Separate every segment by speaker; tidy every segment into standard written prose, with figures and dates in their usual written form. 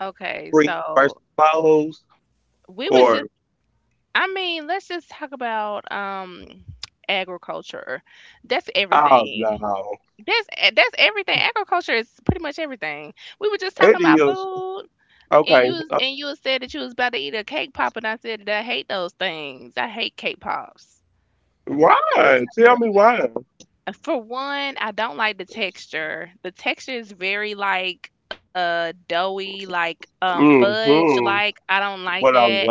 Speaker 1: Okay, so we was just, I mean, let's just talk about agriculture. That's everything. That's everything. Agriculture is pretty much everything. We were just talking about food, and and you said that you was about to eat a cake pop, and I said that I hate those things. I hate cake pops.
Speaker 2: Looks like it.
Speaker 1: For one, I don't like the texture. The texture is very like doughy, like fudge like. I don't like that.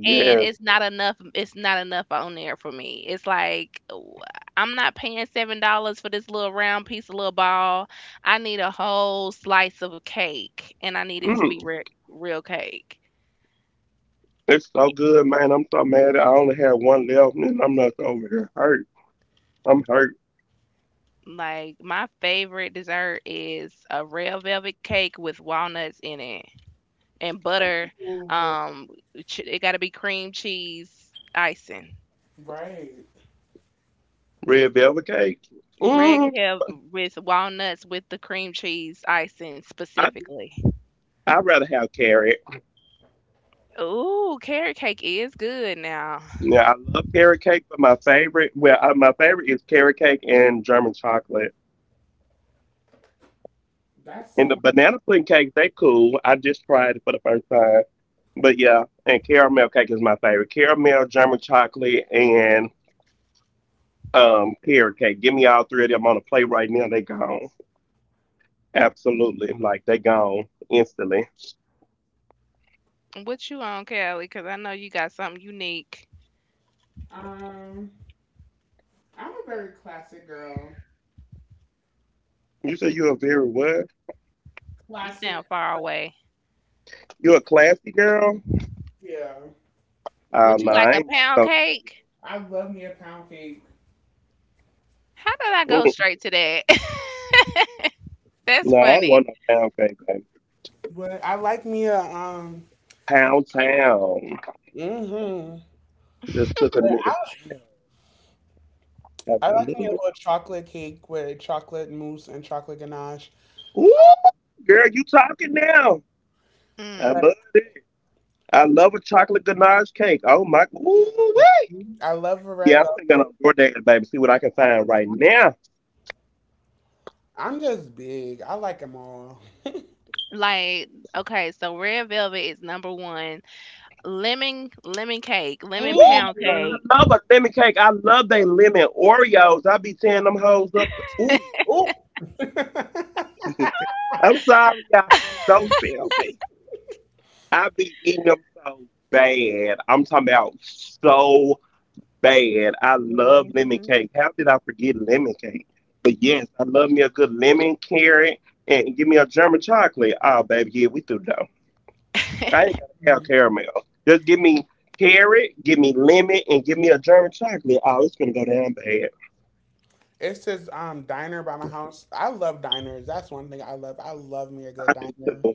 Speaker 1: And it's not enough on there for me. It's like, I'm not paying $7 for this little round piece of little ball. I need a whole slice of cake, and I need it to be real cake. Like, my favorite dessert is a red velvet cake with walnuts in it and butter.
Speaker 2: Ooh, but—
Speaker 1: um it got to be cream cheese icing.
Speaker 2: Right.
Speaker 1: Red velvet with walnuts, with the cream cheese icing specifically. Ooh, carrot cake is good now.
Speaker 2: That's so.
Speaker 1: What you on, Kelly? Cause I know you got something unique.
Speaker 2: Um, I'm a very classic girl.
Speaker 1: You
Speaker 2: Classic.
Speaker 1: sound far away.
Speaker 2: Yeah.
Speaker 1: Would you like a pound cake?
Speaker 2: I love me a pound cake.
Speaker 1: How did I go straight to that? That's funny.
Speaker 2: But I like me a hmm But I like me a little chocolate cake with chocolate mousse and chocolate ganache. But
Speaker 1: Mm.
Speaker 2: I love a red velvet. I'm just big. I like them all.
Speaker 1: Like, okay, so red velvet is number one. Lemon, lemon cake, lemon pound
Speaker 2: Mm.
Speaker 1: cake.
Speaker 2: Ooh.
Speaker 1: Hmm.
Speaker 2: It's this diner by my house. I love diners. That's one thing I love. I love me a good diner.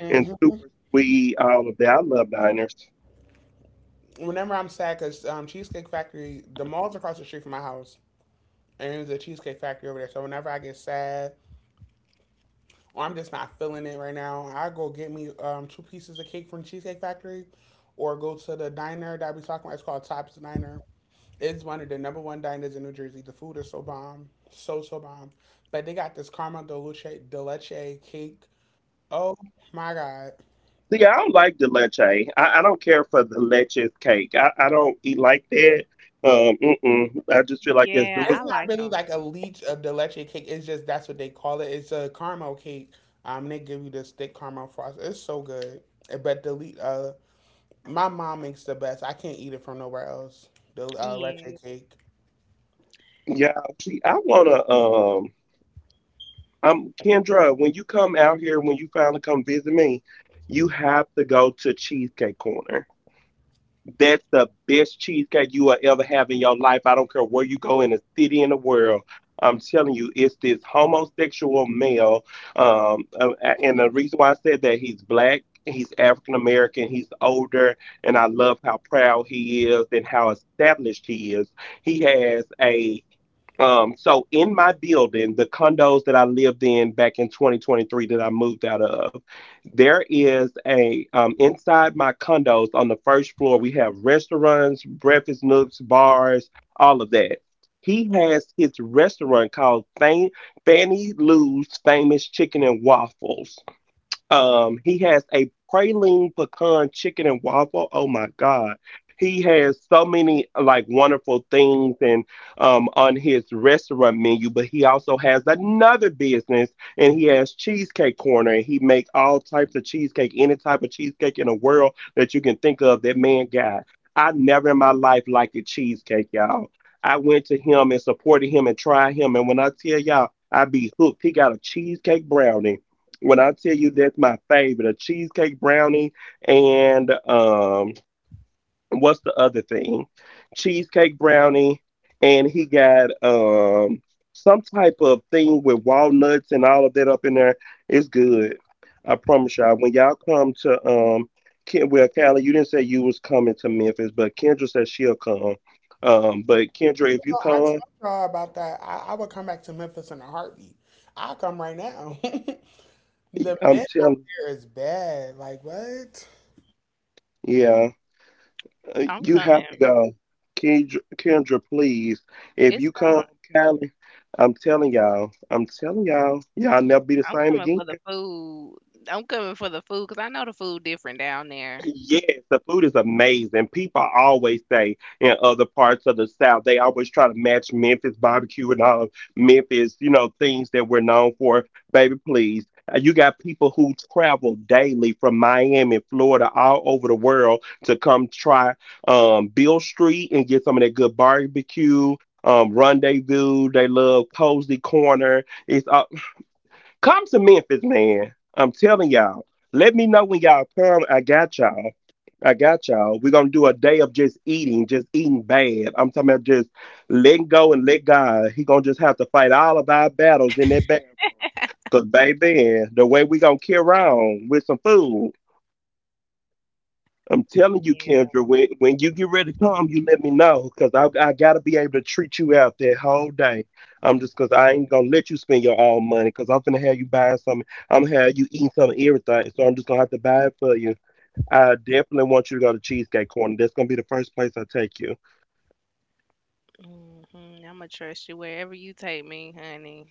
Speaker 2: hmm Whenever I'm sad, cause Cheesecake Factory, the mall's across the street from my house, and there's a Cheesecake Factory over there. So whenever I get sad or I'm just not feeling it right now, I go get me two pieces of cake from Cheesecake Factory, or go to the diner that we talking about. It's called Tops Diner. It's one of the number one diners in New Jersey. The food is so bomb, so so bomb. But they got this caramel de leche cake. Oh my god!
Speaker 1: Yeah,
Speaker 2: It's
Speaker 1: I
Speaker 2: not
Speaker 1: like
Speaker 2: really
Speaker 1: them.
Speaker 2: like a leech of the leche cake. It's just that's what they call it. It's a caramel cake. They give you this thick caramel frost. It's so good. But the my mom makes the best. I can't eat it from nowhere else. The
Speaker 1: Yeah,
Speaker 2: leche cake. You know, I told y'all about that. I would come back to Memphis in a heartbeat. I come right now. the Men out there is bad. Like what?
Speaker 1: I'm coming. It's coming. I'm coming for the food. I'm coming for the food because I know the food different down there. Yeah. Hmm. I'ma trust you wherever you take me, honey.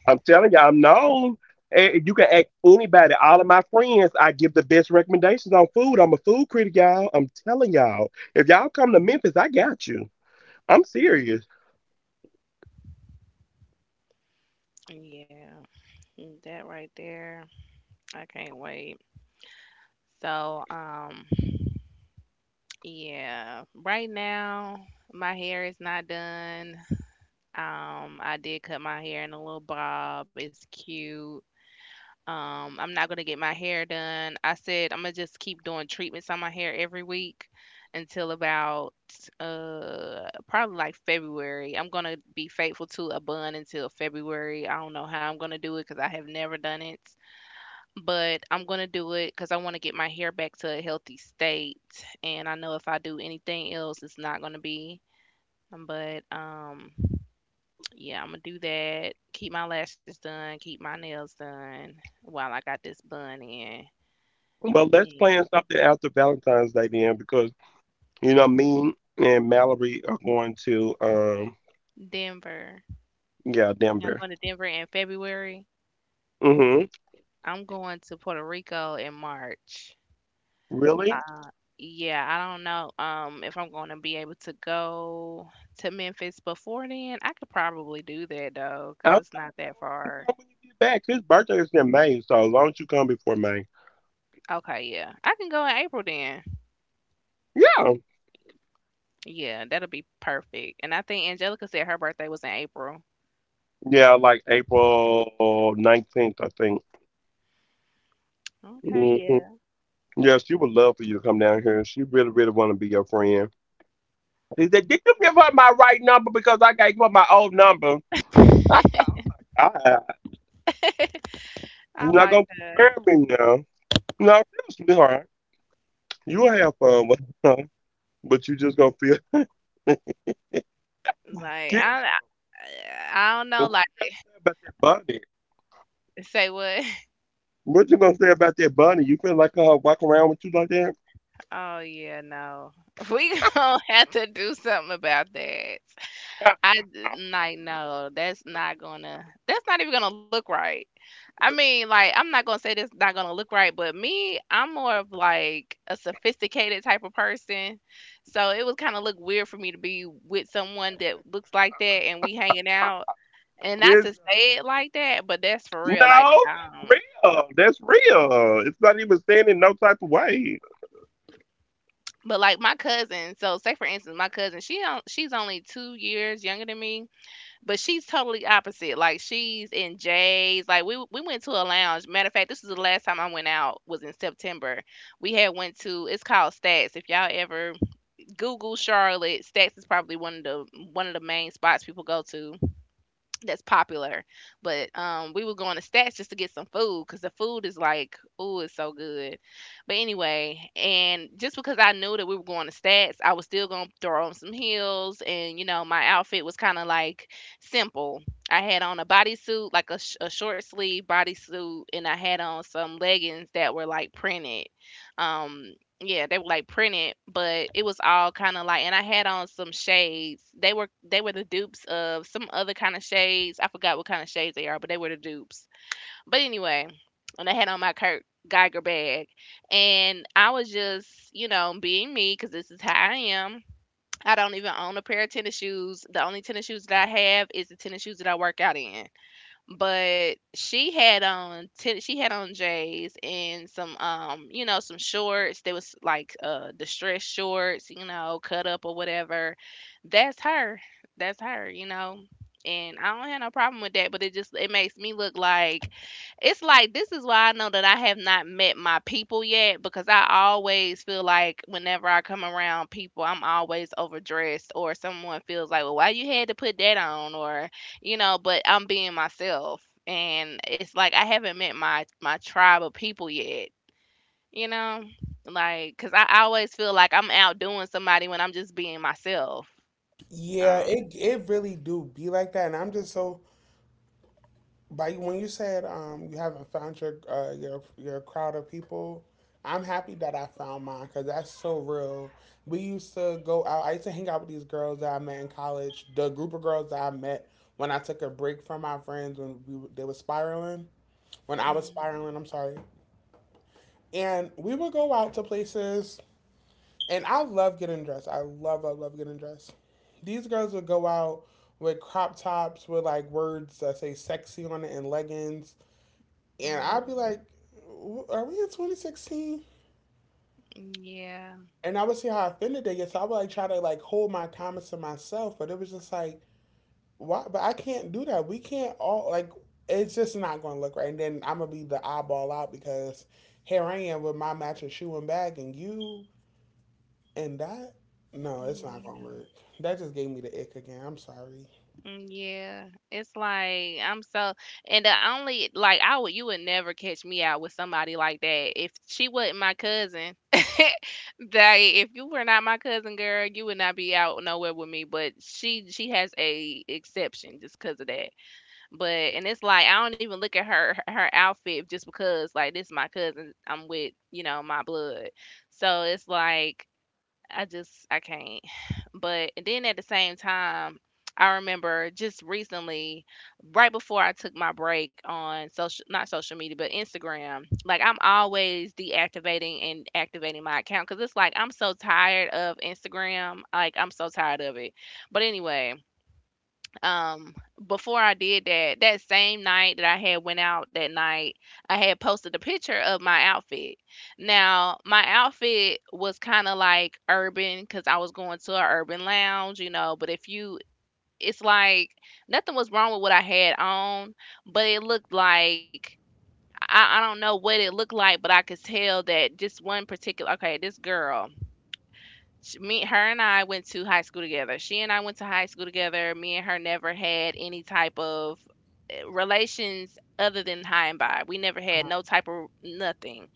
Speaker 1: Yeah. Mm, that right there. I can't wait. So, yeah. Right now, my hair is not done. I did cut my hair in a little bob. It's cute. I'm not gonna get my hair done. I said I'm gonna just keep doing treatments on my hair every week until about probably like February. I'm gonna be faithful to a bun until February. I don't know how I'm gonna do it because I have never done it, but I'm gonna do it because I want to get my hair back to a healthy state. And I know if I do anything else, it's not gonna be. But yeah, I'm gonna do that. Keep my lashes done. Keep my nails done while I got this bun in. And Denver. You know, going to Denver in February. I'm going to Puerto Rico in March. Uh, yeah, I don't know if I'm going to be able to go to Memphis before then. I could probably do that though, cause it's not that far. Okay, yeah. I can go in April then. Yeah, that'll be perfect. And I think Angelica said her birthday was in April. Okay, yeah. I like that. Like, I don't know. Like, say what? Oh yeah, no. We gonna have to do something about that. Like, no, that's not even gonna look right. I mean, like, I'm not gonna say that's not gonna look right, but me, I'm more of like a sophisticated type of person. So it would kinda look weird for me to be with someone that looks like that and we hanging out. And not to say it like that, but that's for real. Like, but like my cousin, so say for instance, my cousin, she's only 2 years younger than me. But she's totally opposite. Like, she's in J's. Like, we went to a lounge. Matter of fact, this is the last time I went out was in September. We had went to, it's called Stats. If y'all ever Google Charlotte, Stats is probably one of the main spots people go to that's popular. But we were going to Stats just to get some food because the food is like, ooh, it's so good. But anyway, and just because I knew that we were going to Stats, I was still gonna throw on some heels, and you know, my outfit was kind of like simple. I had on a bodysuit, like a, a short sleeve bodysuit, and I had on some leggings that were like printed. Um, yeah, they were like printed, but it was all kind of like, and I had on some shades. They were the dupes of some other kind of shades. I forgot what kind of shades they are, but they were the dupes. But anyway, and I had on my Kurt Geiger bag, and I was just, you know, being me because this is how I am. I don't even own a pair of tennis shoes. The only tennis shoes that I have is the tennis shoes that I work out in. But she had on she had on J's and some you know, some shorts. There was like distressed shorts, you know, cut up or whatever. That's her. That's her. You know. And I don't have no problem with that, but it just, it makes me look like, it's like, this is why I know that I have not met my people yet, because I always feel like whenever I come around people, I'm always overdressed, or someone feels like, well, why you had to put that on, or, you know, but I'm being myself. And it's like, I haven't met my tribe of people yet, you know, like because I always feel like I'm outdoing somebody when I'm just being myself.
Speaker 2: Yeah,
Speaker 1: Um,
Speaker 2: it really do be like that, and I'm just so— But when you said you haven't found your your crowd of people, I'm happy that I found mine because that's so real. We used to go out. I used to hang out with these girls that I met in college. The group of girls that I met when I took a break from my friends when we they were spiraling, when I was
Speaker 1: mm,
Speaker 2: spiraling. I'm sorry. And we would go out to places, and I love getting dressed. I love love love getting dressed. These girls would go out with crop tops with like words that say sexy on it and leggings and I'd be
Speaker 1: mm,
Speaker 2: like, "Are we in 2016?"
Speaker 1: mm, yeah.
Speaker 2: And I would see how offended they get. So I would like try to like hold my comments to myself, but it was just like, "Why?" But I can't do that. We can't all like. It's just not going to look right. And then I'm gonna be the eyeball out because here I am with my matching shoe and bag, and you and that. No, it's not
Speaker 1: Mm,
Speaker 2: gonna
Speaker 1: yeah.
Speaker 2: work. That just gave me the ick again. I'm sorry.
Speaker 1: Mm, yeah, it's like, I'm so, and the only, like, I would, you would never catch me out with somebody like that if she wasn't my cousin. Like, if you were not my cousin, girl, you would not be out nowhere with me. But she has a exception just because of that. But, and it's like, I don't even look at her outfit just because like, this my cousin. I'm with, you know, my blood, so it's like, I just, I can't. But and then at the same time, I remember just recently, right before I took my break on social, not social media, but Instagram, like I'm always deactivating and activating my account because it's like, I'm so tired of Instagram. Like, I'm so tired of it. But anyway, um before I did that, that same night that I had went out that night, I had posted a picture of my outfit. Now, my outfit was kind of like urban cuz I was going to an urban lounge, you know, but if you, it's like, nothing was wrong with what I had on, but it looked like, I don't know what it looked like, but I could tell that just one particular, okay, this girl, Sh me her and I went to high school together. She and I went to high school together. Me and her never had any type of, eh, relations other than high and by. We never had no type of nothing.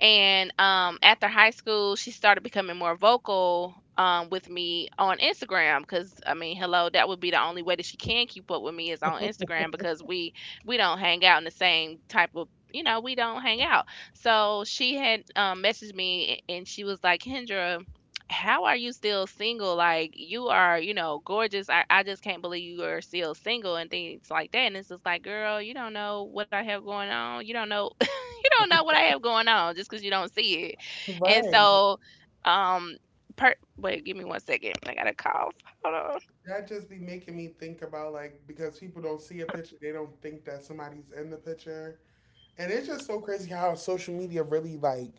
Speaker 1: And after high school, she started becoming more vocal, with me on Instagram because, I mean, hello, that would be the only way that she can keep up with me is on Instagram because we don't hang out in the same type of, you know, we don't hang out. So she had messaged me and she was like, Kendra, how are you still single? Like, you are, you know, gorgeous. I just can't believe you are still single and things like that. And it's just like, girl, you don't know what I have going on. You don't know you don't know what I have going on just because you don't see it. And
Speaker 2: Right.
Speaker 1: so, um, wait, give me one second. I got a cough. Hold on.
Speaker 2: That just be making me think about like because people don't see a picture, they don't think that somebody's in the picture. And it's just so crazy how social media really like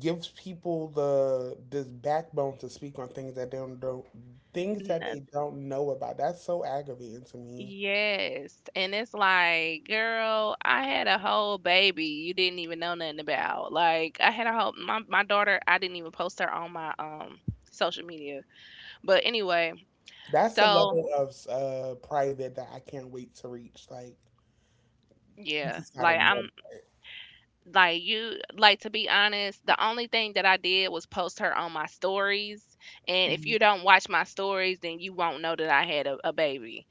Speaker 2: gives people the this backbone to speak on things that they don't things that they
Speaker 1: Noth-
Speaker 2: don't know about. That's so aggravating to me.
Speaker 1: Yes. And it's like, girl, I had a whole baby you didn't even know nothing about. Like, I had a whole, my daughter, I didn't even post her on my social media. But anyway,
Speaker 2: That's the
Speaker 1: so
Speaker 2: level of private that I can't wait to reach. Like, I
Speaker 1: yeah,
Speaker 2: just gotta
Speaker 1: like
Speaker 2: know.
Speaker 1: I'm like you like, to be honest, the only thing that I did was post her on my stories. And if you don't watch my stories, then you won't know that I had a baby.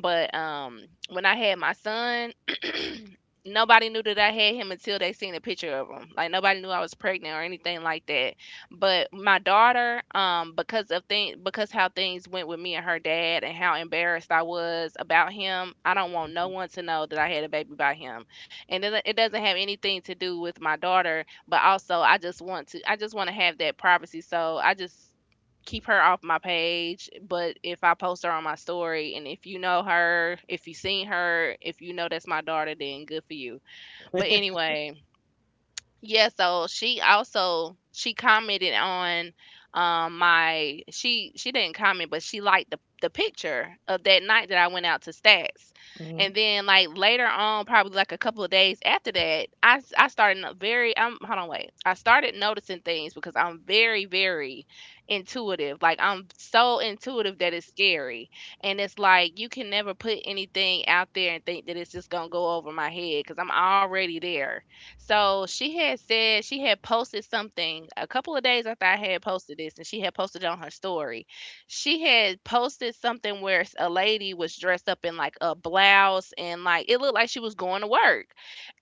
Speaker 1: But when I had my son, nobody knew that I had him until they seen a picture of him, like nobody knew I was pregnant or anything like that. But my daughter, because of things, because how things went with me and her dad, and how embarrassed I was about him, I don't want no
Speaker 2: Mhm.
Speaker 1: one to know that I had a baby by him. And it doesn't have anything to do with my daughter, but also, I just want to have that privacy, so I just keep her off my page. But if I post her on my story, and if you know her, if you seen her, if you know that's my daughter, then good for you. But anyway, yeah, so she also she didn't comment, but she liked the picture of that night that I went out to Stats.
Speaker 2: Mhm.
Speaker 1: And then, like, later on, probably like a couple of days after that, I started no- very hold on, wait. I started noticing things because I'm very very intuitive. Like, I'm so intuitive that it's scary. And it's like you can never put anything out there and think that it's just going to go over my head, cuz I'm already there. So she had said she had posted something a couple of days after I had posted this, and she had posted it on her story. She had posted something where a lady was dressed up in like a blouse, and like it looked like she was going to work.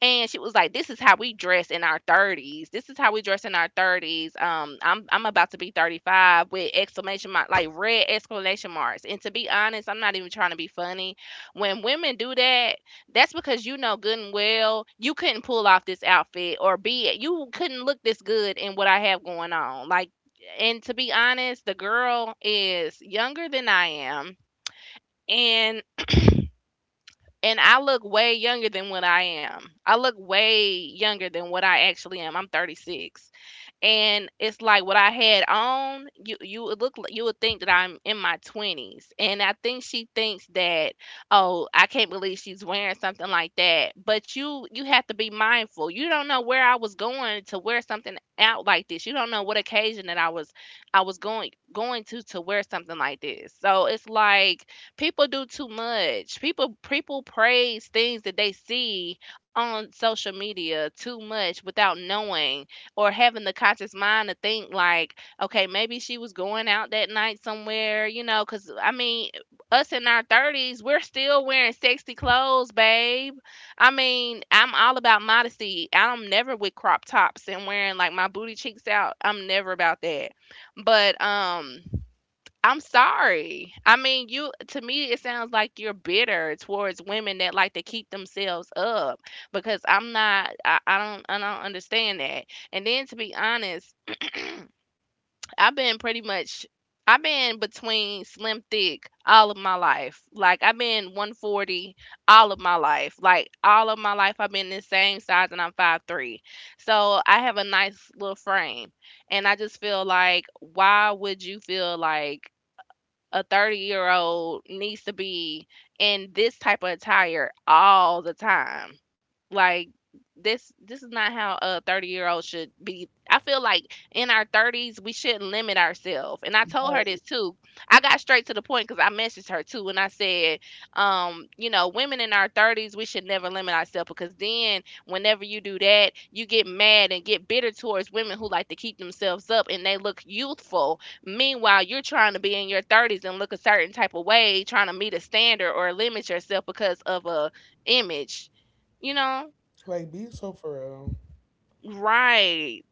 Speaker 1: And she was like, "This is how we dress in our 30s. This is how we dress in our 30s." I'm about to be 35, with exclamation mark, like red exclamation marks. And to be honest, I'm not even trying to be funny. When women do that, that's because you know good and well you couldn't pull off this outfit, or be you couldn't look this good in what I have going on. Like, and to be honest, the girl is younger than I am, and and I look way younger than what I am. I look way younger than what I actually am. I'm 36, and it's like what I had on. You would think that I'm in my twenties, and I think she thinks that, oh, I can't believe she's wearing something like that. But you have to be mindful. You don't know where I was going to wear something out like this. You don't know what occasion that I was going to wear something like this. So it's like people do too much. People praise things that they see on social media too much without knowing, or having the conscious mind to think like, okay, maybe she was going out that night somewhere, because, I mean, us in our 30s, we're still wearing sexy clothes, babe. I mean, I'm all about modesty. I'm never with crop tops and wearing like my booty cheeks out. I'm never about that. But, I'm sorry. I mean, you to me it sounds like you're bitter towards women that like to keep themselves up, because I'm not I, I don't understand that. And then, to be honest, I've been pretty much I've been between slim thick all of my life. Like, I've been 140 all of my life. Like, all of my life I've been the same size, and I'm 5'3". So I have a nice little frame. And I just feel like, why would you feel like a 30-year-old needs to be in this type of attire all the time, like, this is not how a 30-year-old should be, I feel like. In our 30s, we shouldn't limit ourselves. And I told her this too. I got straight to the point, because I messaged her too, and I said, women in our 30s, we should never limit ourselves, because then whenever you do that, you get mad and get bitter towards women who like to keep themselves up and they look youthful. Meanwhile, you're trying to be in your 30s and look a certain type of way, trying to meet a standard or limit yourself because of a image, you know?
Speaker 2: Like, be so for real.
Speaker 1: Right.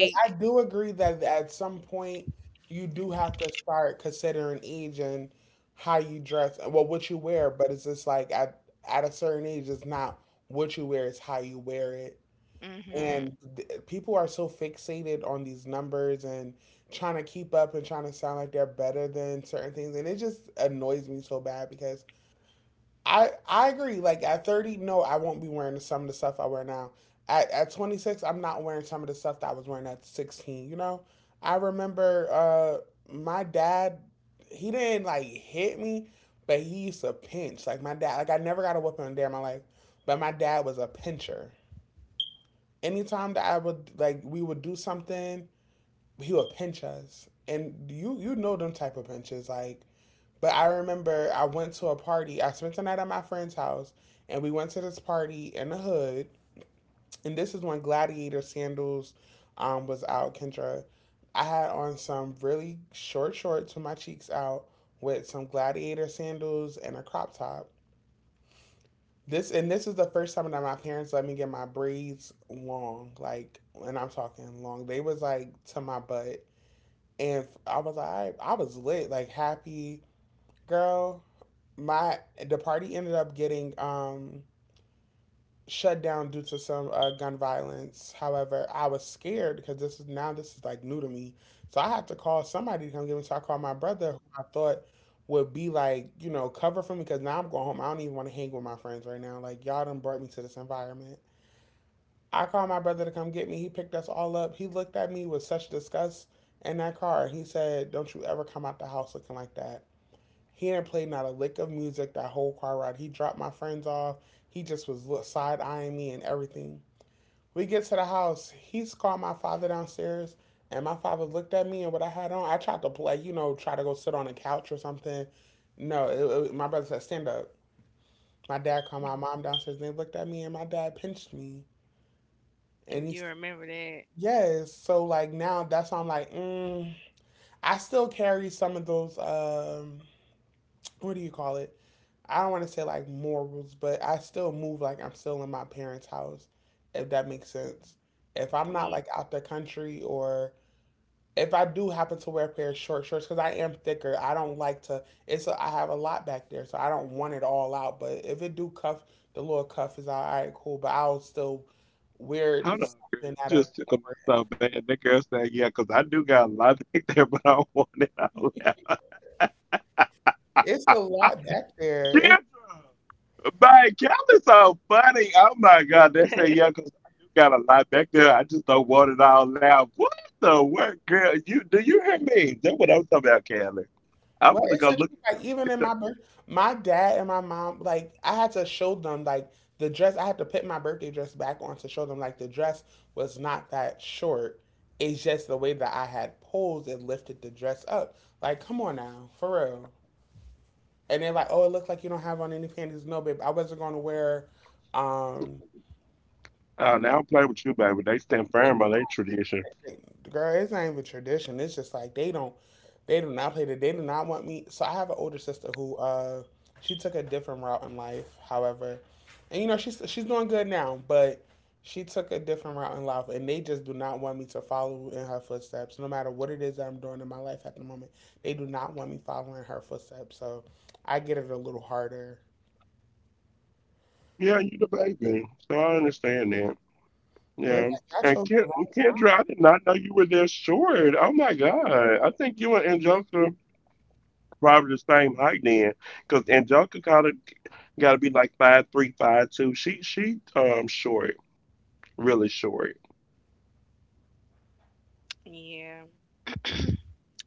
Speaker 2: Like, I do agree that at some point you do have to start considering age and how you dress, well, what you wear. But it's just like at a certain age, it's not what you wear; it's how you wear it.
Speaker 1: mhm.
Speaker 2: And people are so fixated on these numbers and trying to keep up and trying to sound like they're better than certain things, and it just annoys me so bad because I agree. Like at 30, no, I won't be wearing some of the stuff I wear now. At 26, I'm not wearing some of the stuff that I was wearing at 16. You know, I remember my dad. He didn't like hit me, but he used to pinch. Like my dad. Like I never got a whipping in a day in my life, but my dad was a pincher. Anytime that I would like, we would do something, he would pinch us, and you know them type of pinches like— but I remember I went to a party. I spent the night at my friend's house, and we went to this party in the hood. And this is when Gladiator sandals was out, Kendra. I had on some really short shorts with my cheeks out, with some Gladiator sandals and a crop top. This is the first time that my parents let me get my braids long, like, and I'm talking long. They was like to my butt, and I was like, I was lit, like happy girl. My the party ended up getting shut down due to some gun violence. However, I was scared because this is like new to me. So I had to call somebody to come get me. So I called my brother, who I thought would be like you know cover for me because now I'm going home. I don't even want to hang with my friends right now. Like y'all done brought me to this environment. I called my brother to come get me. He picked us all up. He looked at me with such disgust in that car. He said, "Don't you ever come out the house looking like that." He didn't play not a lick of music that whole car ride. He dropped my friends off. He just was side eyeing me and everything. We get to the house. He's called my father downstairs, and my father looked at me and what I had on. I tried to play, you know, try to go sit on a couch or something. No, my brother said, stand up. My dad called my mom downstairs, and they looked at me, and my dad pinched me. And
Speaker 1: You
Speaker 2: he's—
Speaker 1: remember that.
Speaker 2: yes. So, like, now that's why I'm like, mm. I still carry some of those. What do you call it? I don't want to say like morals, but I still move like I'm still in my parents' house, if that makes sense. If I'm
Speaker 1: Yeah.
Speaker 2: not like out the country or if I do happen to wear a pair of short shorts because I am thicker, I don't like to. It's a, I have a lot back there, so I don't want it all out. But if it do cuff, the little cuff is all right, cool. But I'll still wear something out of cover. It's a lot back there. Well, it's the truth. Like even in my birth, my dad and my mom, like I had to show them like the dress. I had to put my birthday dress back on to show them like the dress was not that short. It's just the way that I had posed and lifted the dress up. Like, come on now, for real. And they're like, oh, it looked like you don't have on any panties. No, babe, I wasn't going to wear um girl, it's not even tradition. It's just like they do not play the. They do not want me. So I have an older sister who, she took a different route in life. However, and you know she's doing good now, but she took a different route in life, and they just do not want me to follow in her footsteps. No matter what it is that I'm doing in my life at the moment, they do not want me following her footsteps. So I get it a little harder. But it's like I chose the wrong
Speaker 1: Yeah.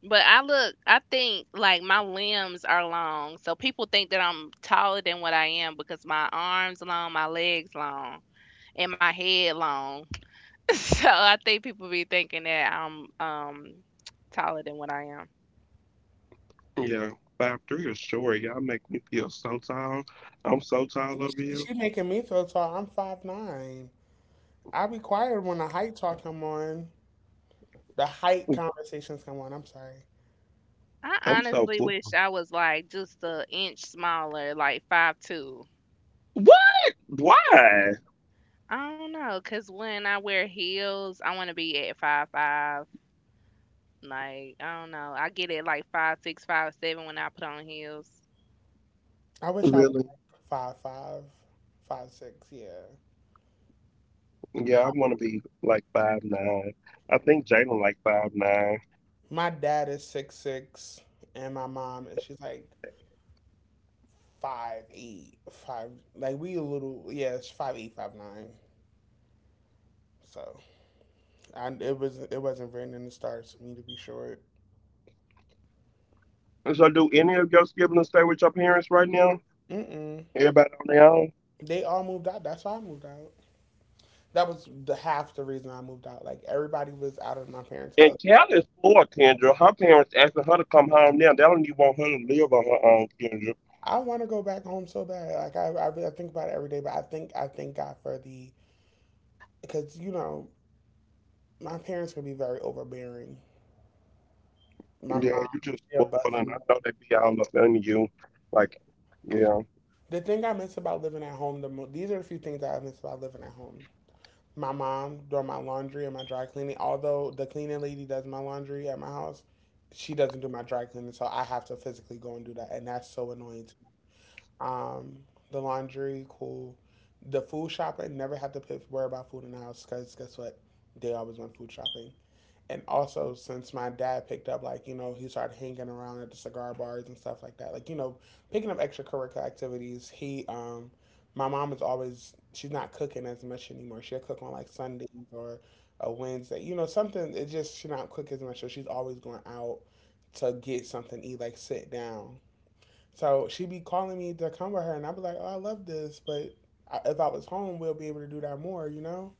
Speaker 1: But I think, like, my limbs are long. So people think that I'm taller than what I am because my arms long, my legs long, and my head long. So I think people be thinking that I'm taller than what I am.
Speaker 2: thing. She making me feel tall. I'm 5'9". I be quiet when the height talk come on. The height conversations come on. I'm sorry.
Speaker 1: I honestly wish I was like just a inch smaller, like 5'2". Yeah. I don't know, cause when I wear heels, I want to be at 5'5". Like, I don't know. I get at like 5'6", 5'7" when I put on heels.
Speaker 2: I wish I was like 5'5", 5'6". Yeah. My dad is 6'6", and my mom and she's like 5'8", five. Like we a little. Yeah, it's 5'8", 5'9". So it was it wasn't written in the stars for me to be short. Mm-mm. They all moved out. That's why I moved out. That was the half the reason I moved out. Like everybody was out of my parents' house. I want to go back home so bad. Like really I think about it every day. But I thank God for the— because you know my parents could be very overbearing. My mom, she'll bust me. The thing I miss about living at home, these are a few things that I miss about living at home. My mom doing my laundry and my dry cleaning. Although the cleaning lady does my laundry at my house, she doesn't do my dry cleaning, so I have to physically go and do that, and that's so annoying. Um, the laundry, cool. The food shopping, never had to worry about food in the house because guess what? They always went food shopping. And also, since my dad picked up, like, you know, he started hanging around at the cigar bars and stuff like that, like, you know, picking up extracurricular activities. He, my mom is always, she's not cooking as much anymore. She'll cook on like Sundays or a Wednesday, you know, something. It's just, she not cook as much. So she's always going out to get something to eat, like sit down. So she be calling me to come with her, and I'd be like, "Oh, I love this," but if I was home, we'll be able to do that more, you know.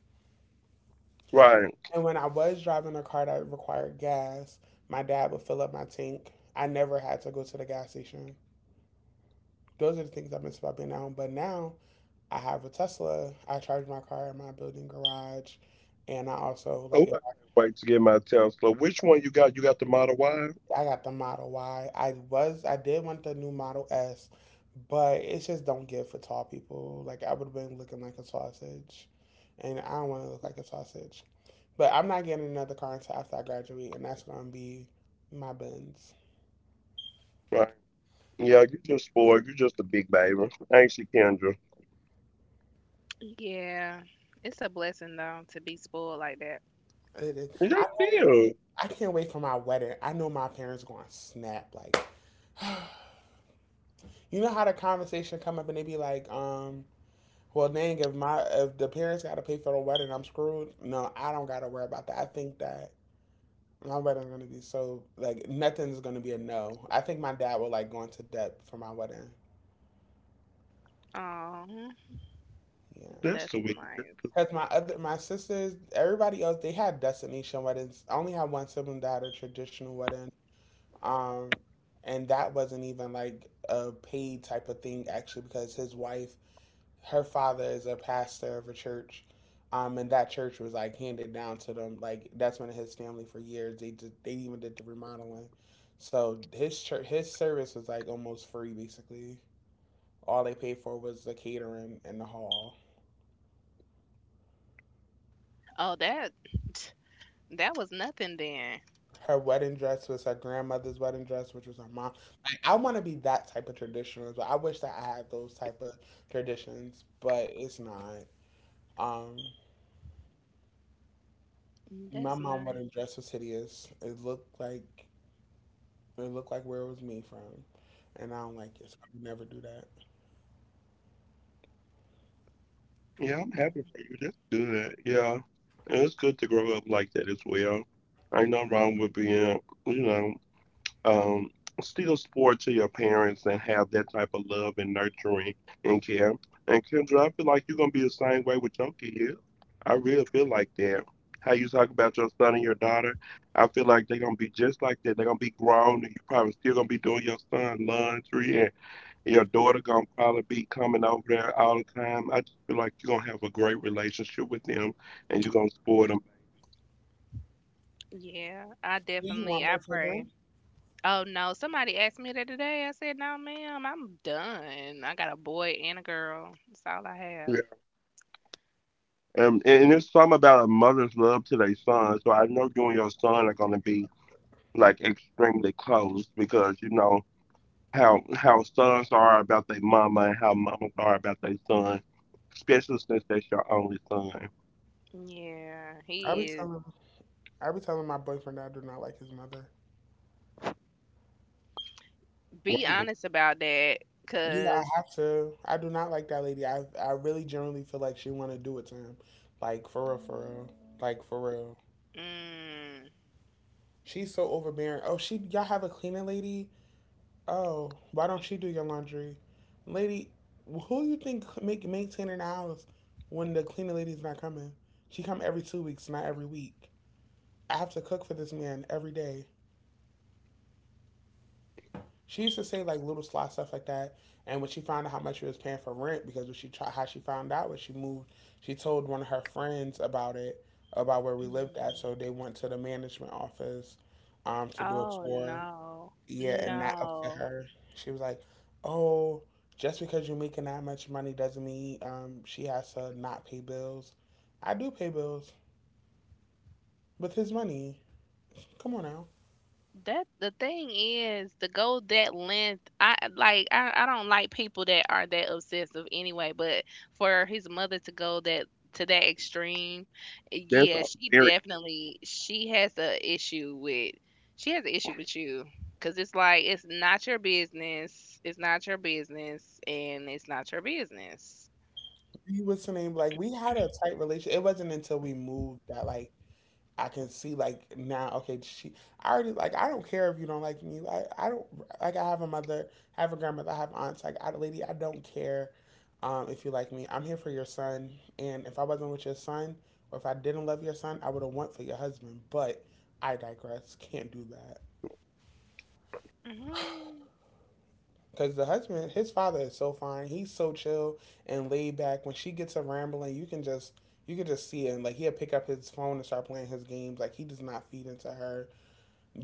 Speaker 2: And when I was driving a car that required gas, my dad would fill up my tank. I never had to go to the gas station. Those are the things I miss about being at home. But now I have a Tesla. I charge my car in my building garage, and I also like I got the Model Y. I did want the new Model S, but it just don't give for tall people. Like I would have been looking like a sausage, and I don't want to look like a sausage. But I'm not getting another car until after I graduate, and that's gonna be my Benz.
Speaker 1: Yeah. It's a blessing though to be spoiled like that.
Speaker 2: It is. I know, I can't wait for my wedding. I know my parents gonna snap. Like, you know how the conversation come up and they be like, Well, dang, if the parents got to pay for the wedding, I'm screwed. No, I don't got to worry about that. I think that my wedding's gonna be so like nothing's gonna be a no. I think my dad will like go into debt for my wedding.
Speaker 1: Oh,
Speaker 2: Yeah,
Speaker 1: that's nice.
Speaker 2: because my sisters, everybody else, they had destination weddings. I only had one sibling that had a traditional wedding. Um, and that wasn't even like a paid type of thing actually because his wife, her father is a pastor of a church. And that church was like handed down to them. Like that's been in his family for years. They even did the remodeling. So his church, his service was like almost free basically. All they paid for was the catering and the hall.
Speaker 1: Oh, that was nothing then.
Speaker 2: Her wedding dress was her grandmother's wedding dress, which was her mom. Like, I want to be that type of traditional. But I wish that I had those type of traditions, but it's not. Um, my
Speaker 1: That's
Speaker 2: mom wedding
Speaker 1: nice.
Speaker 2: dress was hideous. It looked like where it was me from, and I don't like it. So I would never do that.
Speaker 1: Yeah, I
Speaker 2: Do you want
Speaker 1: definitely I
Speaker 2: more
Speaker 1: pray.
Speaker 2: children?
Speaker 1: Oh, no. Somebody asked me that today. I said, "No, ma'am. I'm done. I got a boy and a girl. That's all I have." Yeah,
Speaker 2: I
Speaker 1: he
Speaker 2: be
Speaker 1: is.
Speaker 2: telling I be telling my boyfriend that I do not like his mother.
Speaker 1: Be honest about that,
Speaker 2: Yeah,
Speaker 1: 'cause.
Speaker 2: I have to. I do not like that lady. I really generally feel like she want to do it to him, like for real, like for real.
Speaker 1: Mm,
Speaker 2: She's so overbearing. Oh, she y'all have a cleaning lady. Oh, why don't she do your laundry, lady? Who you think make maintaining the house when the cleaning lady's not coming? She come every 2 weeks, not every week. I have to cook for this man every day. She used to say like little sly stuff like that. And when she found out how much she was paying for rent, because when she tried, how she found out when she moved, she told one of her friends about it, about where we lived at. So
Speaker 1: mm.
Speaker 2: they went to the management office to do a
Speaker 1: Oh,
Speaker 2: tour.
Speaker 1: no.
Speaker 2: Yeah, and that to
Speaker 1: No.
Speaker 2: her. She was like, "Oh, just because you're making that much money doesn't mean she has to not pay bills." I do pay bills with his money. Come on now.
Speaker 1: That the thing is to go that length. I don't like people that are that obsessive anyway, but for his mother to go that to that extreme, eh, yeah, she definitely she has an issue with you, cuz it's like, it's not your business. It's not your business, and it's not your business.
Speaker 2: We was the name like we had a tight relationship. It wasn't until we moved that like I can see like now, okay, she I already like I don't care if you don't like me. Like I don't like I have a mother, I have a grandmother, I have aunts, like I lady, I don't care if you like me. I'm here for your son and if I wasn't with your son or if I didn't love your son, I would have went for your husband. But I digress. Can't do that.
Speaker 1: Mhm.
Speaker 2: Because the husband, his father is so fine. He's so chill and laid back. When she gets a rambling, you can just you could just see it. And like he'll pick up his phone and start playing his games. Like he does not feed into her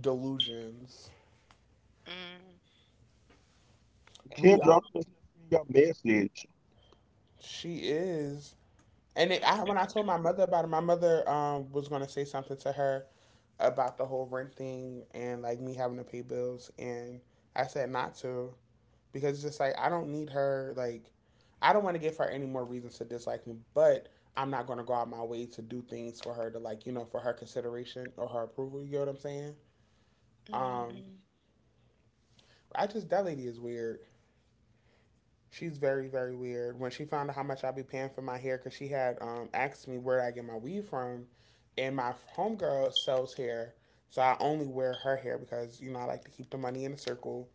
Speaker 2: delusions.
Speaker 1: Mm.
Speaker 2: We are. She is. And it, I, when I told my mother about it, my mother was going to say something to her about the whole rent thing and like me having to pay bills. And I said not to because it's just like I don't need her. Like, I don't want to give her any more reasons to dislike me, but I'm not going to go out my way to do things for her to like, you know, for her consideration or her approval. You get what I'm saying? Um,
Speaker 1: Mhm.
Speaker 2: I just, that lady is weird. She's very, very weird. When she found out how much I be paying for my hair, because she had asked me where I get my weave from, and my homegirl sells hair. So I only wear her hair because, you know, I like to keep the money in a circle.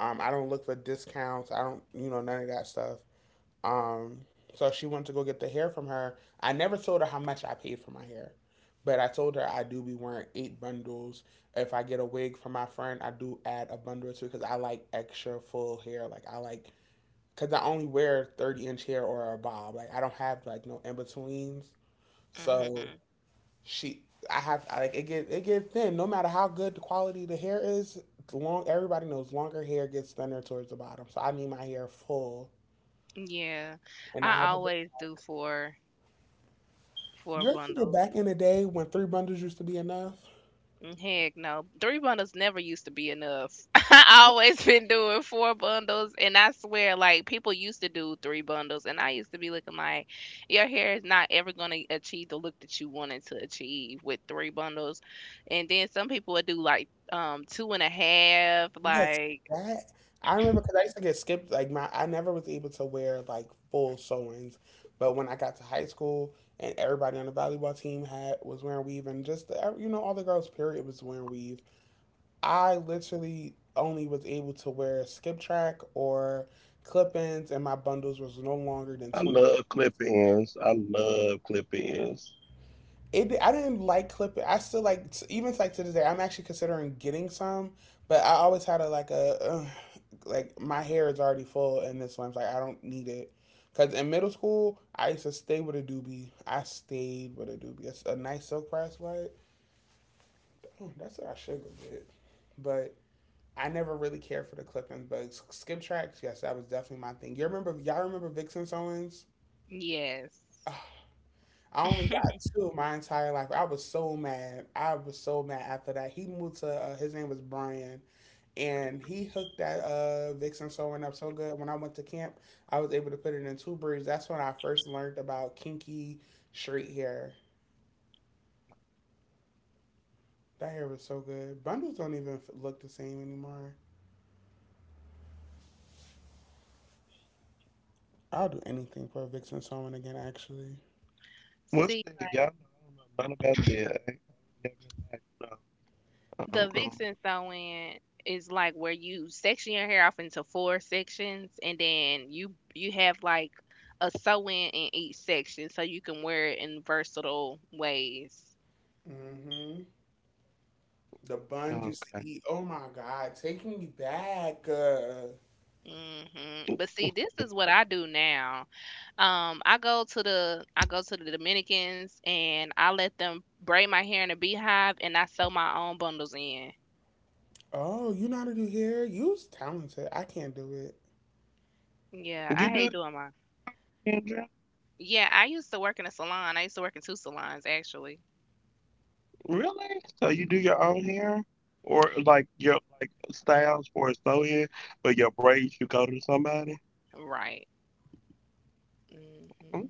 Speaker 2: I don't look for discounts. I don't, you know, none of that stuff. Um, so she went to go get the hair from her. I never told her how much I paid for my hair. But I told her I do be wearing eight bundles. If I get a wig from my friend, I do add a bundle or two because I like extra full hair. Like I like because I only wear 30 inch hair or a bob. Like I don't have like no in betweens. So
Speaker 1: Mhm.
Speaker 2: she, I have I, like it get thin. No matter how good the quality of the hair is, the long everybody knows longer hair gets thinner towards the bottom. So I need my hair full,
Speaker 1: Yeah.
Speaker 2: and I
Speaker 1: I
Speaker 2: have. A,
Speaker 1: always do four
Speaker 2: you ever get
Speaker 1: bundles.
Speaker 2: back in the day when three bundles used to be enough?
Speaker 1: Mm. Heck no. Three bundles never used to be enough. I always been doing four bundles, and I swear, like, people used to do three bundles and I used to be looking like your hair is not ever gonna achieve the look that you wanted to achieve with three bundles. And then some people would do like 2.5,
Speaker 2: Yes,
Speaker 1: like.
Speaker 2: that I remember because I used to get skipped. Like my, I never was able to wear like full sew-ins, but when I got to high school and everybody on the volleyball team had was wearing weave, and just the, you know all the girls period was wearing weave. I literally only was able to wear skip track or clip-ins, and my bundles was no longer than 20. It I didn't like clipping. I still like even like to this day. I'm actually considering getting some, but I always had a like my hair is already full in this one's like I don't need it. Cause in middle school, I used to stay with a doobie. I stayed with a doobie. It's a nice silk press white. Oh, that's what I should go get. But I never really cared for the clippings. But skip tracks, yes, that was definitely my thing. You remember? Y'all remember Vixen Owens?
Speaker 1: Yes.
Speaker 2: Oh, I only got two my entire life. I was so mad. I was so mad after that. He moved to his name was Brian, and he hooked that Vixen sewing up so good. When I went to camp, I was able to put it in two braids. That's when I first learned about kinky straight hair. That hair was so good. Bundles don't even f- Look the same anymore. I'll do anything for a Vixen sewing again. Actually,
Speaker 1: See, the vixen sewing is like where you section your hair off into four sections, and then you have like a sew in each section so you can wear it in versatile ways.
Speaker 2: hmm the buns used to eat. Oh my god, taking me back.
Speaker 1: Hmm. But see, this is what I do now. I go to the Dominicans and I let them braid my hair in a beehive and I sew my own bundles in.
Speaker 2: Oh, you know how to do hair? You are talented. I can't do it.
Speaker 1: Yeah, I hate doing my. Yeah, I used to work in a salon. I used to work in two salons actually. Right. Hmm.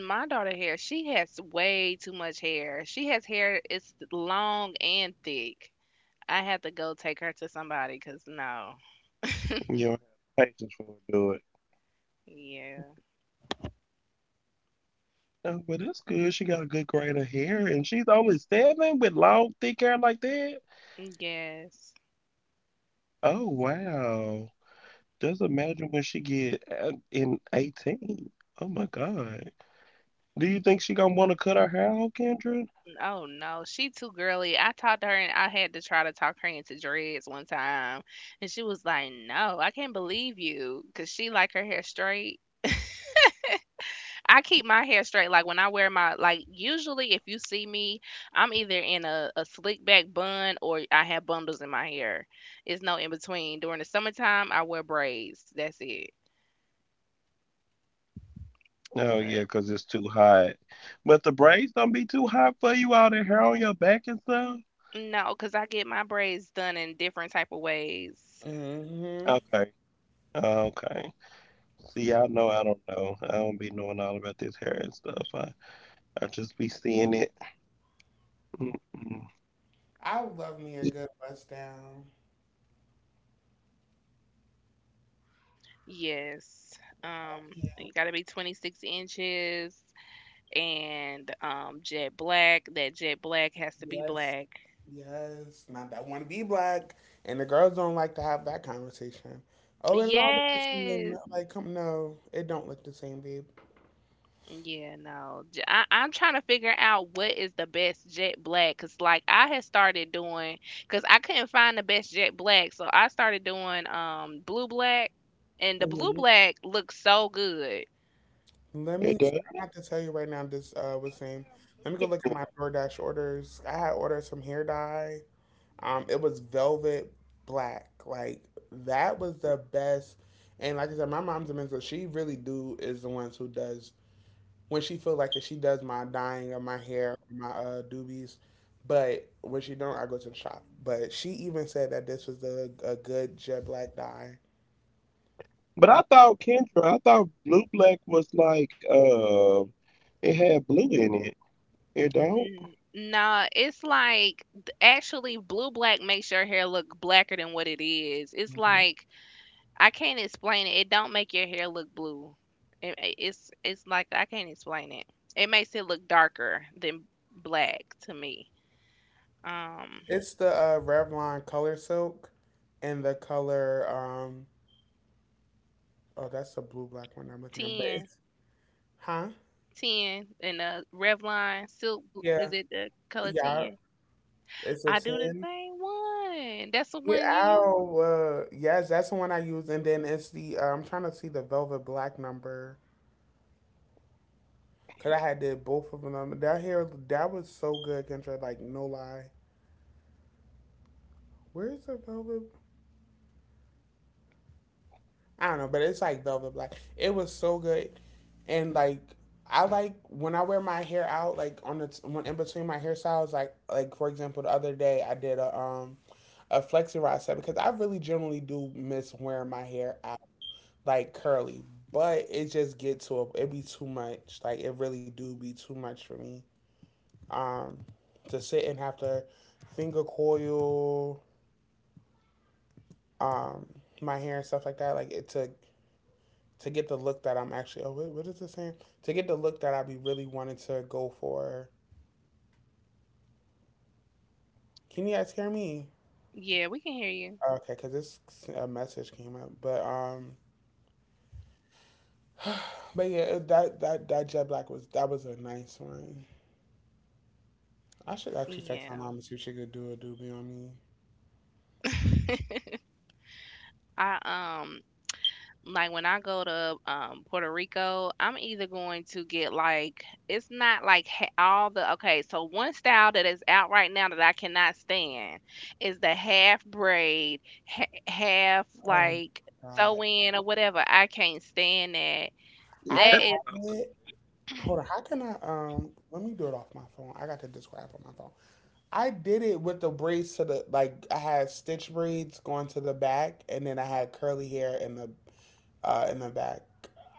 Speaker 1: My daughter hair, she has way too much hair. She has hair, it's long and thick. I have to go take her to somebody because no. Yeah. Yes. Oh no, she too girly. I talked to her and I had to try to talk her into dreads one time, and she was like, "No, I can't believe you," because she like her hair straight. I keep my hair straight. Like, when I wear my, like, usually if you see me, I'm either in a slick back bun or I have bundles in my hair. It's no in between. During the summertime I wear braids. That's it. But no, because I get my braids done in different type of ways.
Speaker 2: Mm hmm. I love me a good bust down.
Speaker 1: Yes. Um you
Speaker 2: Yeah.
Speaker 1: gotta be 26 inches and jet black. That jet black has to be
Speaker 2: Yes.
Speaker 1: black.
Speaker 2: Yes. Not that I want to be black. And the girls don't like to have that conversation. Oh, it all look the
Speaker 1: Yes.
Speaker 2: same. Like, come no, it don't look the same, babe.
Speaker 1: Yeah, no. I am trying to figure out what is the best jet black because, like, I had started doing, because I couldn't find the best jet black, so I started doing blue black, and the blue black looks so good.
Speaker 2: Let me. I have to tell you right now. This was same. Let me go look at my DoorDash orders. I had ordered some hair dye. It was velvet black. Like that was the best. And like I said, my mom's a mentor. She really do is the ones who does when she feel like it. She does my dyeing of my hair, my doobies. But when she don't, I go to the shop. But she even said that this was a good jet black dye.
Speaker 1: Nah, it's like actually blue black makes your hair look blacker than what it is. It's like I can't explain it. It don't make your hair look blue. It's like I can't explain it. It makes it look darker than black to me. um
Speaker 2: It's the Revlon color silk and the color oh, that's the blue black one I'm looking at. But
Speaker 1: 10,
Speaker 2: it's, huh?
Speaker 1: and revlon silk
Speaker 2: Yeah.
Speaker 1: is it the color
Speaker 2: Yeah.
Speaker 1: 10?
Speaker 2: It's a
Speaker 1: I do the
Speaker 2: 10
Speaker 1: same one. That's the
Speaker 2: yeah
Speaker 1: one you use.
Speaker 2: out. Yes, that's the one I use. And then it's the I'm trying to see the velvet black number because I had did both of them. That hair that was so good, Kendra. Like no lie. Where's the velvet? I don't know, but it's like velvet black. It was so good, and like I like when I wear my hair out, like on the when in between my hairstyles, like for example, the other day I did a a flexi rod set because I really generally do miss wearing my hair out like curly, but it just get to a, it be too much. Like it really do be too much for me. Um, to sit and have to finger coil um my hair and stuff like that. Like it took to get the look that I'm actually. Oh, what is it saying? To get the look that I be really wanting to go for. Can you guys hear me?
Speaker 1: Yeah, we can hear you.
Speaker 2: Oh, okay, because this a message came up, but but yeah, that jet black was that was a nice one. I should actually text my
Speaker 1: Yeah.
Speaker 2: mom and see if she could do a doobie on me.
Speaker 1: I, like when I go to, Puerto Rico, I'm either going to get, like, it's not like ha all the okay, so one style that is out right now that I cannot stand is the half braid, ha half,
Speaker 2: Oh my
Speaker 1: like,
Speaker 2: God,
Speaker 1: sew in or whatever, I can't stand that.
Speaker 2: I
Speaker 1: That is.
Speaker 2: have it. Hold on, how can I? Let me do it off my phone. I got the Discord app on my phone. I did it with the braids to the like I had stitch braids going to the back, and then I had curly hair in the back.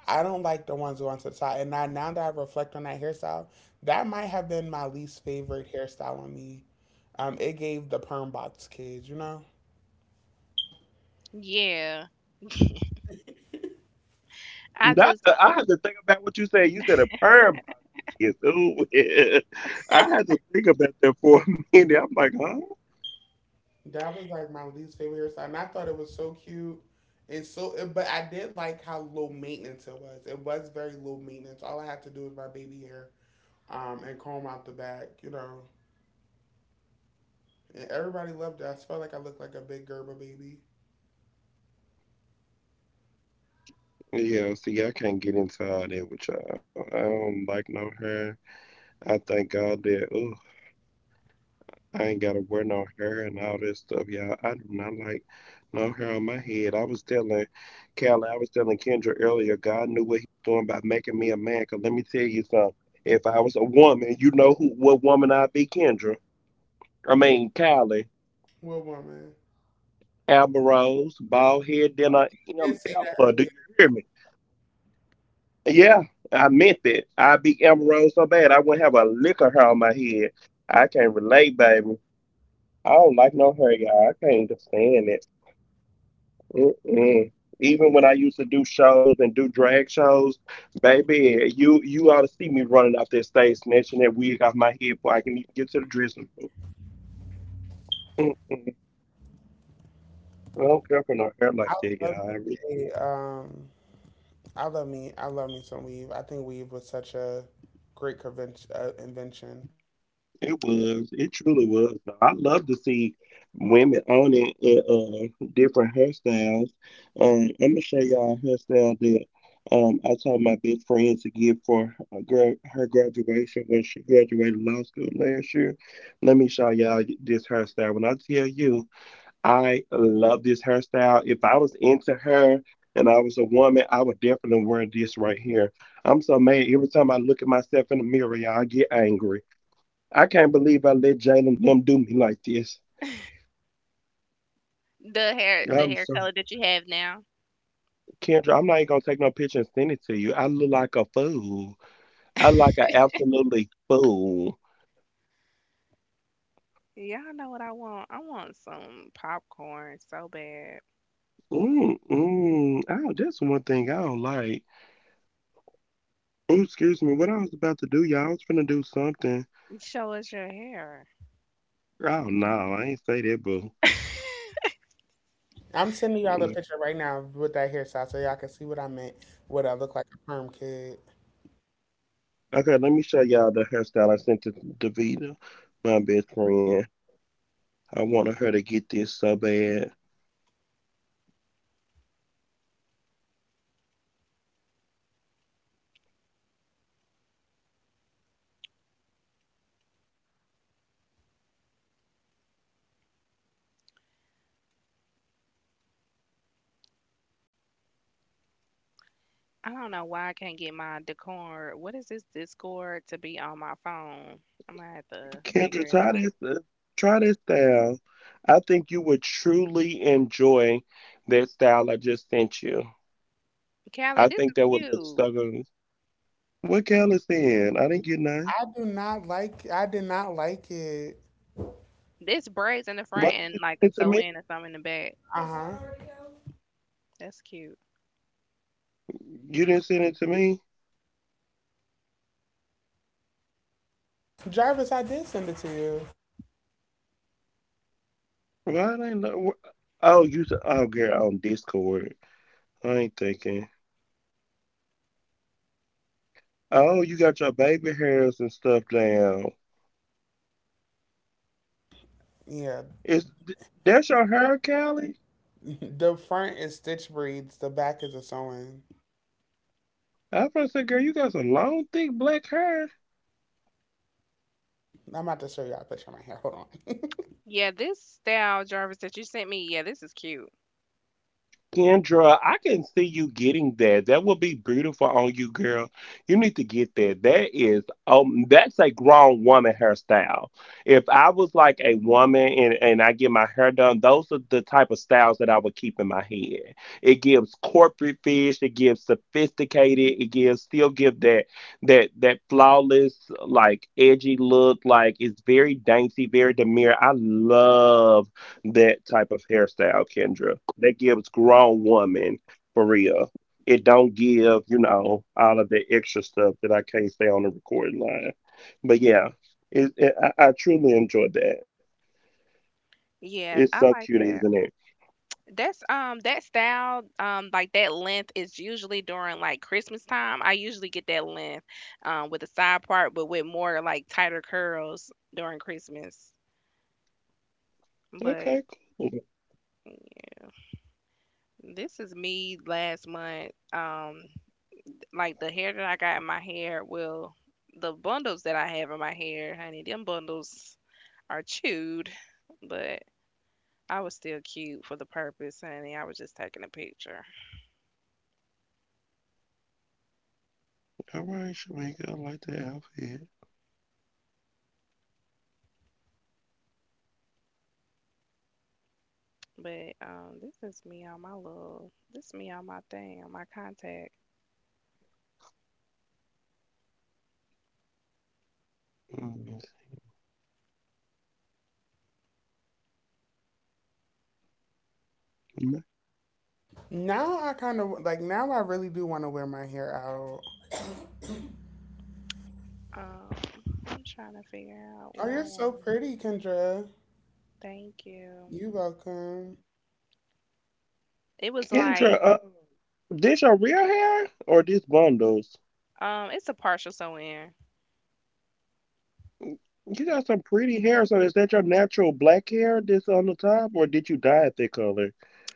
Speaker 2: I don't like the ones going to the side. And now that I reflect on that hairstyle, that might have been my least favorite hairstyle on me. It gave the perm box kids, you know.
Speaker 1: Yeah. I just
Speaker 2: That was like my least favorite hairstyle, and I thought it was so cute. And so, it- but I did like how low maintenance it was. It was very low maintenance. All I had to do was my baby hair, and comb out the back, you know. And everybody loved it. I felt like I looked like a big Gerber baby. Well, woman. I did say that earlier. I love me a, um, I love me, I love me some weave. I think weave was such a great convention, invention.
Speaker 1: the hair color that you have now. Y'all know what I want. I want some popcorn so bad. Show us your hair.
Speaker 2: I'm sending y'all a picture right now with that hairstyle so y'all can see what I meant. What I look like a perm kid.
Speaker 1: I don't know why I can't get my Discord. What is this Discord to be on my phone? I'm gonna have to figure it out. Callie, this is cute.
Speaker 2: I do not like. I did not like it.
Speaker 1: This braids in the front and like a sew in or something in the back.
Speaker 2: Uh huh.
Speaker 1: That's cute.
Speaker 2: Jarvis, I did send it to you. Yeah. The front is stitch breeds. The back is a sewing. I'm about to show y'all a picture of my hair. Hold on.
Speaker 1: Yeah, this style, Jarvis, that you sent me. Yeah, this is cute. Yeah, I like that. That's that style like that length is usually during like Christmas time. I usually get that length with a side part, but with more like tighter curls during Christmas. But this is me last month. Like the hair that I got in my hair, well, the bundles that I have in my hair, honey, them bundles are chewed, but I was still cute for the purpose, honey. I was just taking a picture. But this is me on my thing, on my contact.
Speaker 2: Now I kind of like now I really do want to wear my hair out.
Speaker 1: Um, I'm trying to figure out
Speaker 2: Oh,
Speaker 1: what I
Speaker 2: you're
Speaker 1: want
Speaker 2: so
Speaker 1: to.
Speaker 2: pretty, Kendra.
Speaker 1: Thank you.
Speaker 2: You welcome.
Speaker 1: It was like, it's a partial sew in.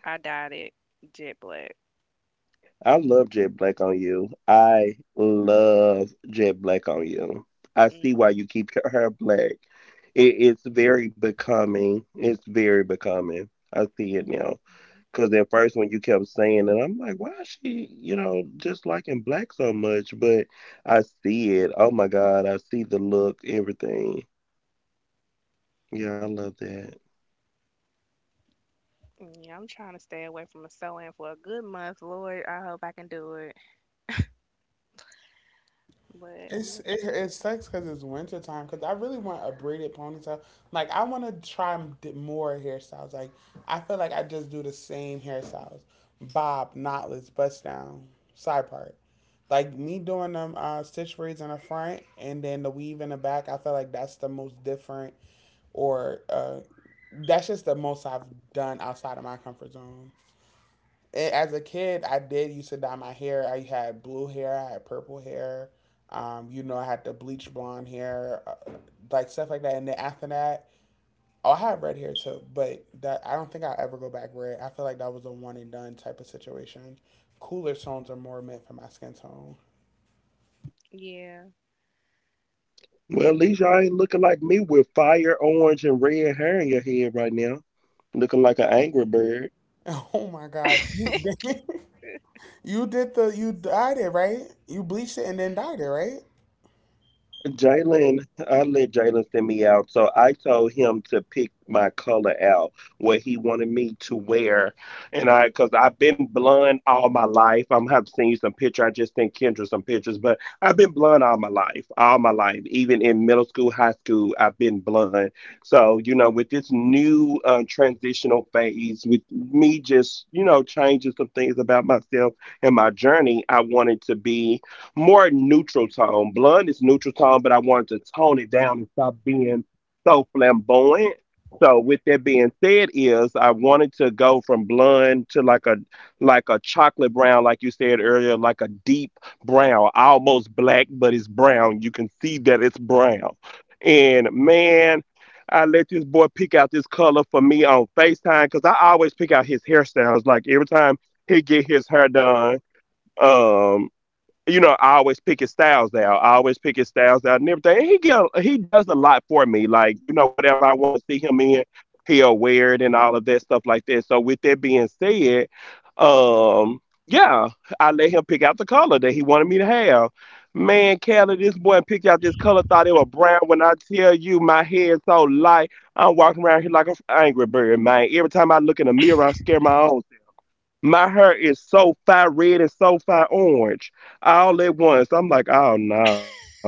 Speaker 1: I dyed it jet black. Hmm. Yeah, I'm trying to stay away from a sew in for a good month. Lord, I hope I can do it. But I'm
Speaker 2: It's
Speaker 1: gonna try.
Speaker 2: it sucks because it's winter time. Because I really want a braided ponytail. Like I want to try more hairstyles. Like I feel like I just do the same hairstyles: bob, knotless, bust down, side part. Like me doing them stitch braids in the front and then the weave in the back. I feel like that's the most different or that's just the most I've done outside of my comfort zone. And as a kid, I did used to dye my hair. I had blue hair, I had purple hair. You know, I had the bleach blonde hair, like stuff like that. And then after that, oh, I had red hair too, but that I don't think I'll ever go back red. I feel like that was a one and done type of situation. Cooler tones are more meant for my skin tone.
Speaker 1: Yeah.
Speaker 2: Oh my God, you you did the you dyed it right? You bleached it and then dyed it right?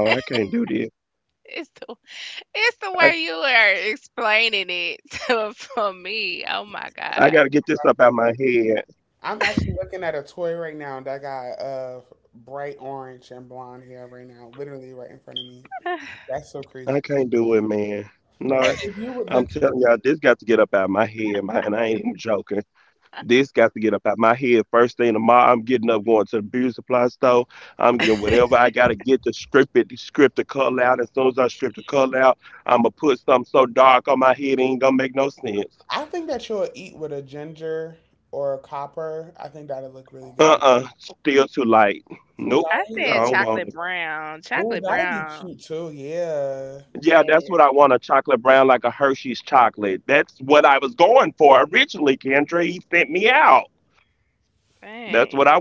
Speaker 1: It's the it's the way you are explaining it to, for me. Oh my god.
Speaker 2: I'm actually looking at a toy right now that got bright orange and blonde hair right now, literally right in front of me. That's so crazy. But if you would, the, I think that you'll eat with a ginger or a copper. I think that'll look really good on you. Too
Speaker 1: I
Speaker 2: light.
Speaker 1: said chocolate brown.
Speaker 2: Ooh,
Speaker 1: Chocolate
Speaker 2: that'll be
Speaker 1: brown.
Speaker 2: cute too. Yeah.
Speaker 1: Yes. Dang.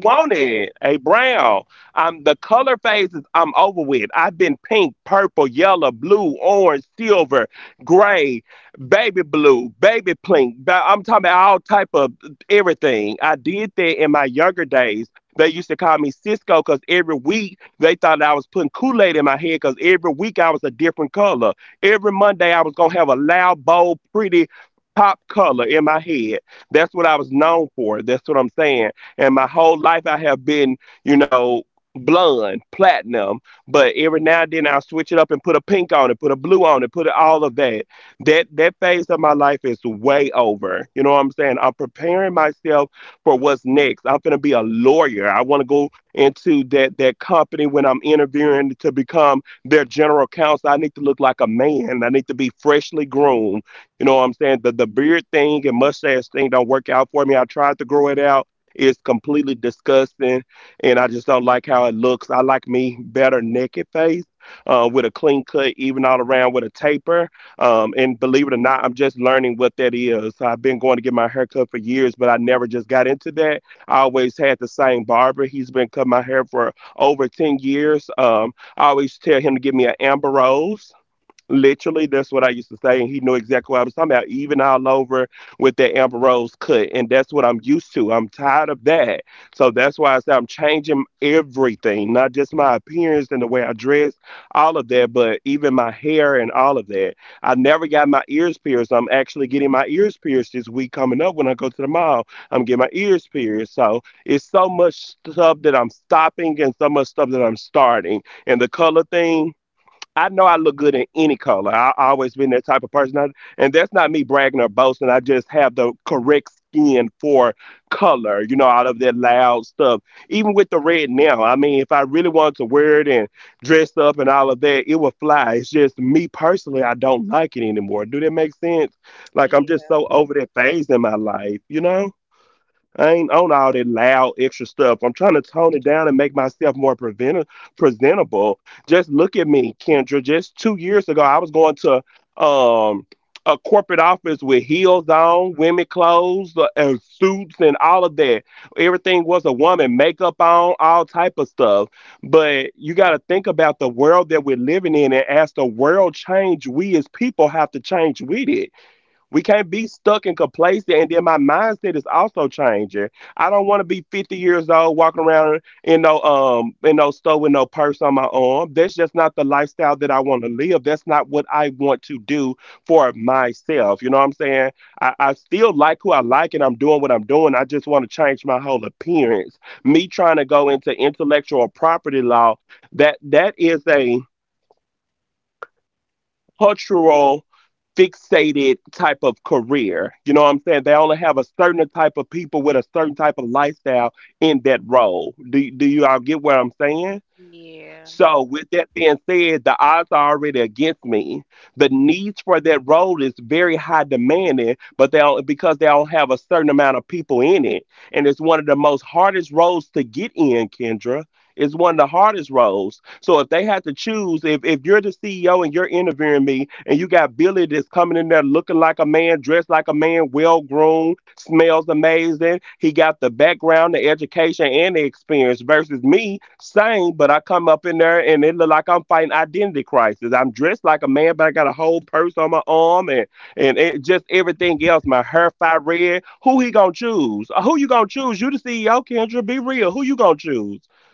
Speaker 1: Yeah. Yeah.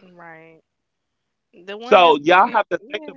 Speaker 1: Right. The one that's looking yeah.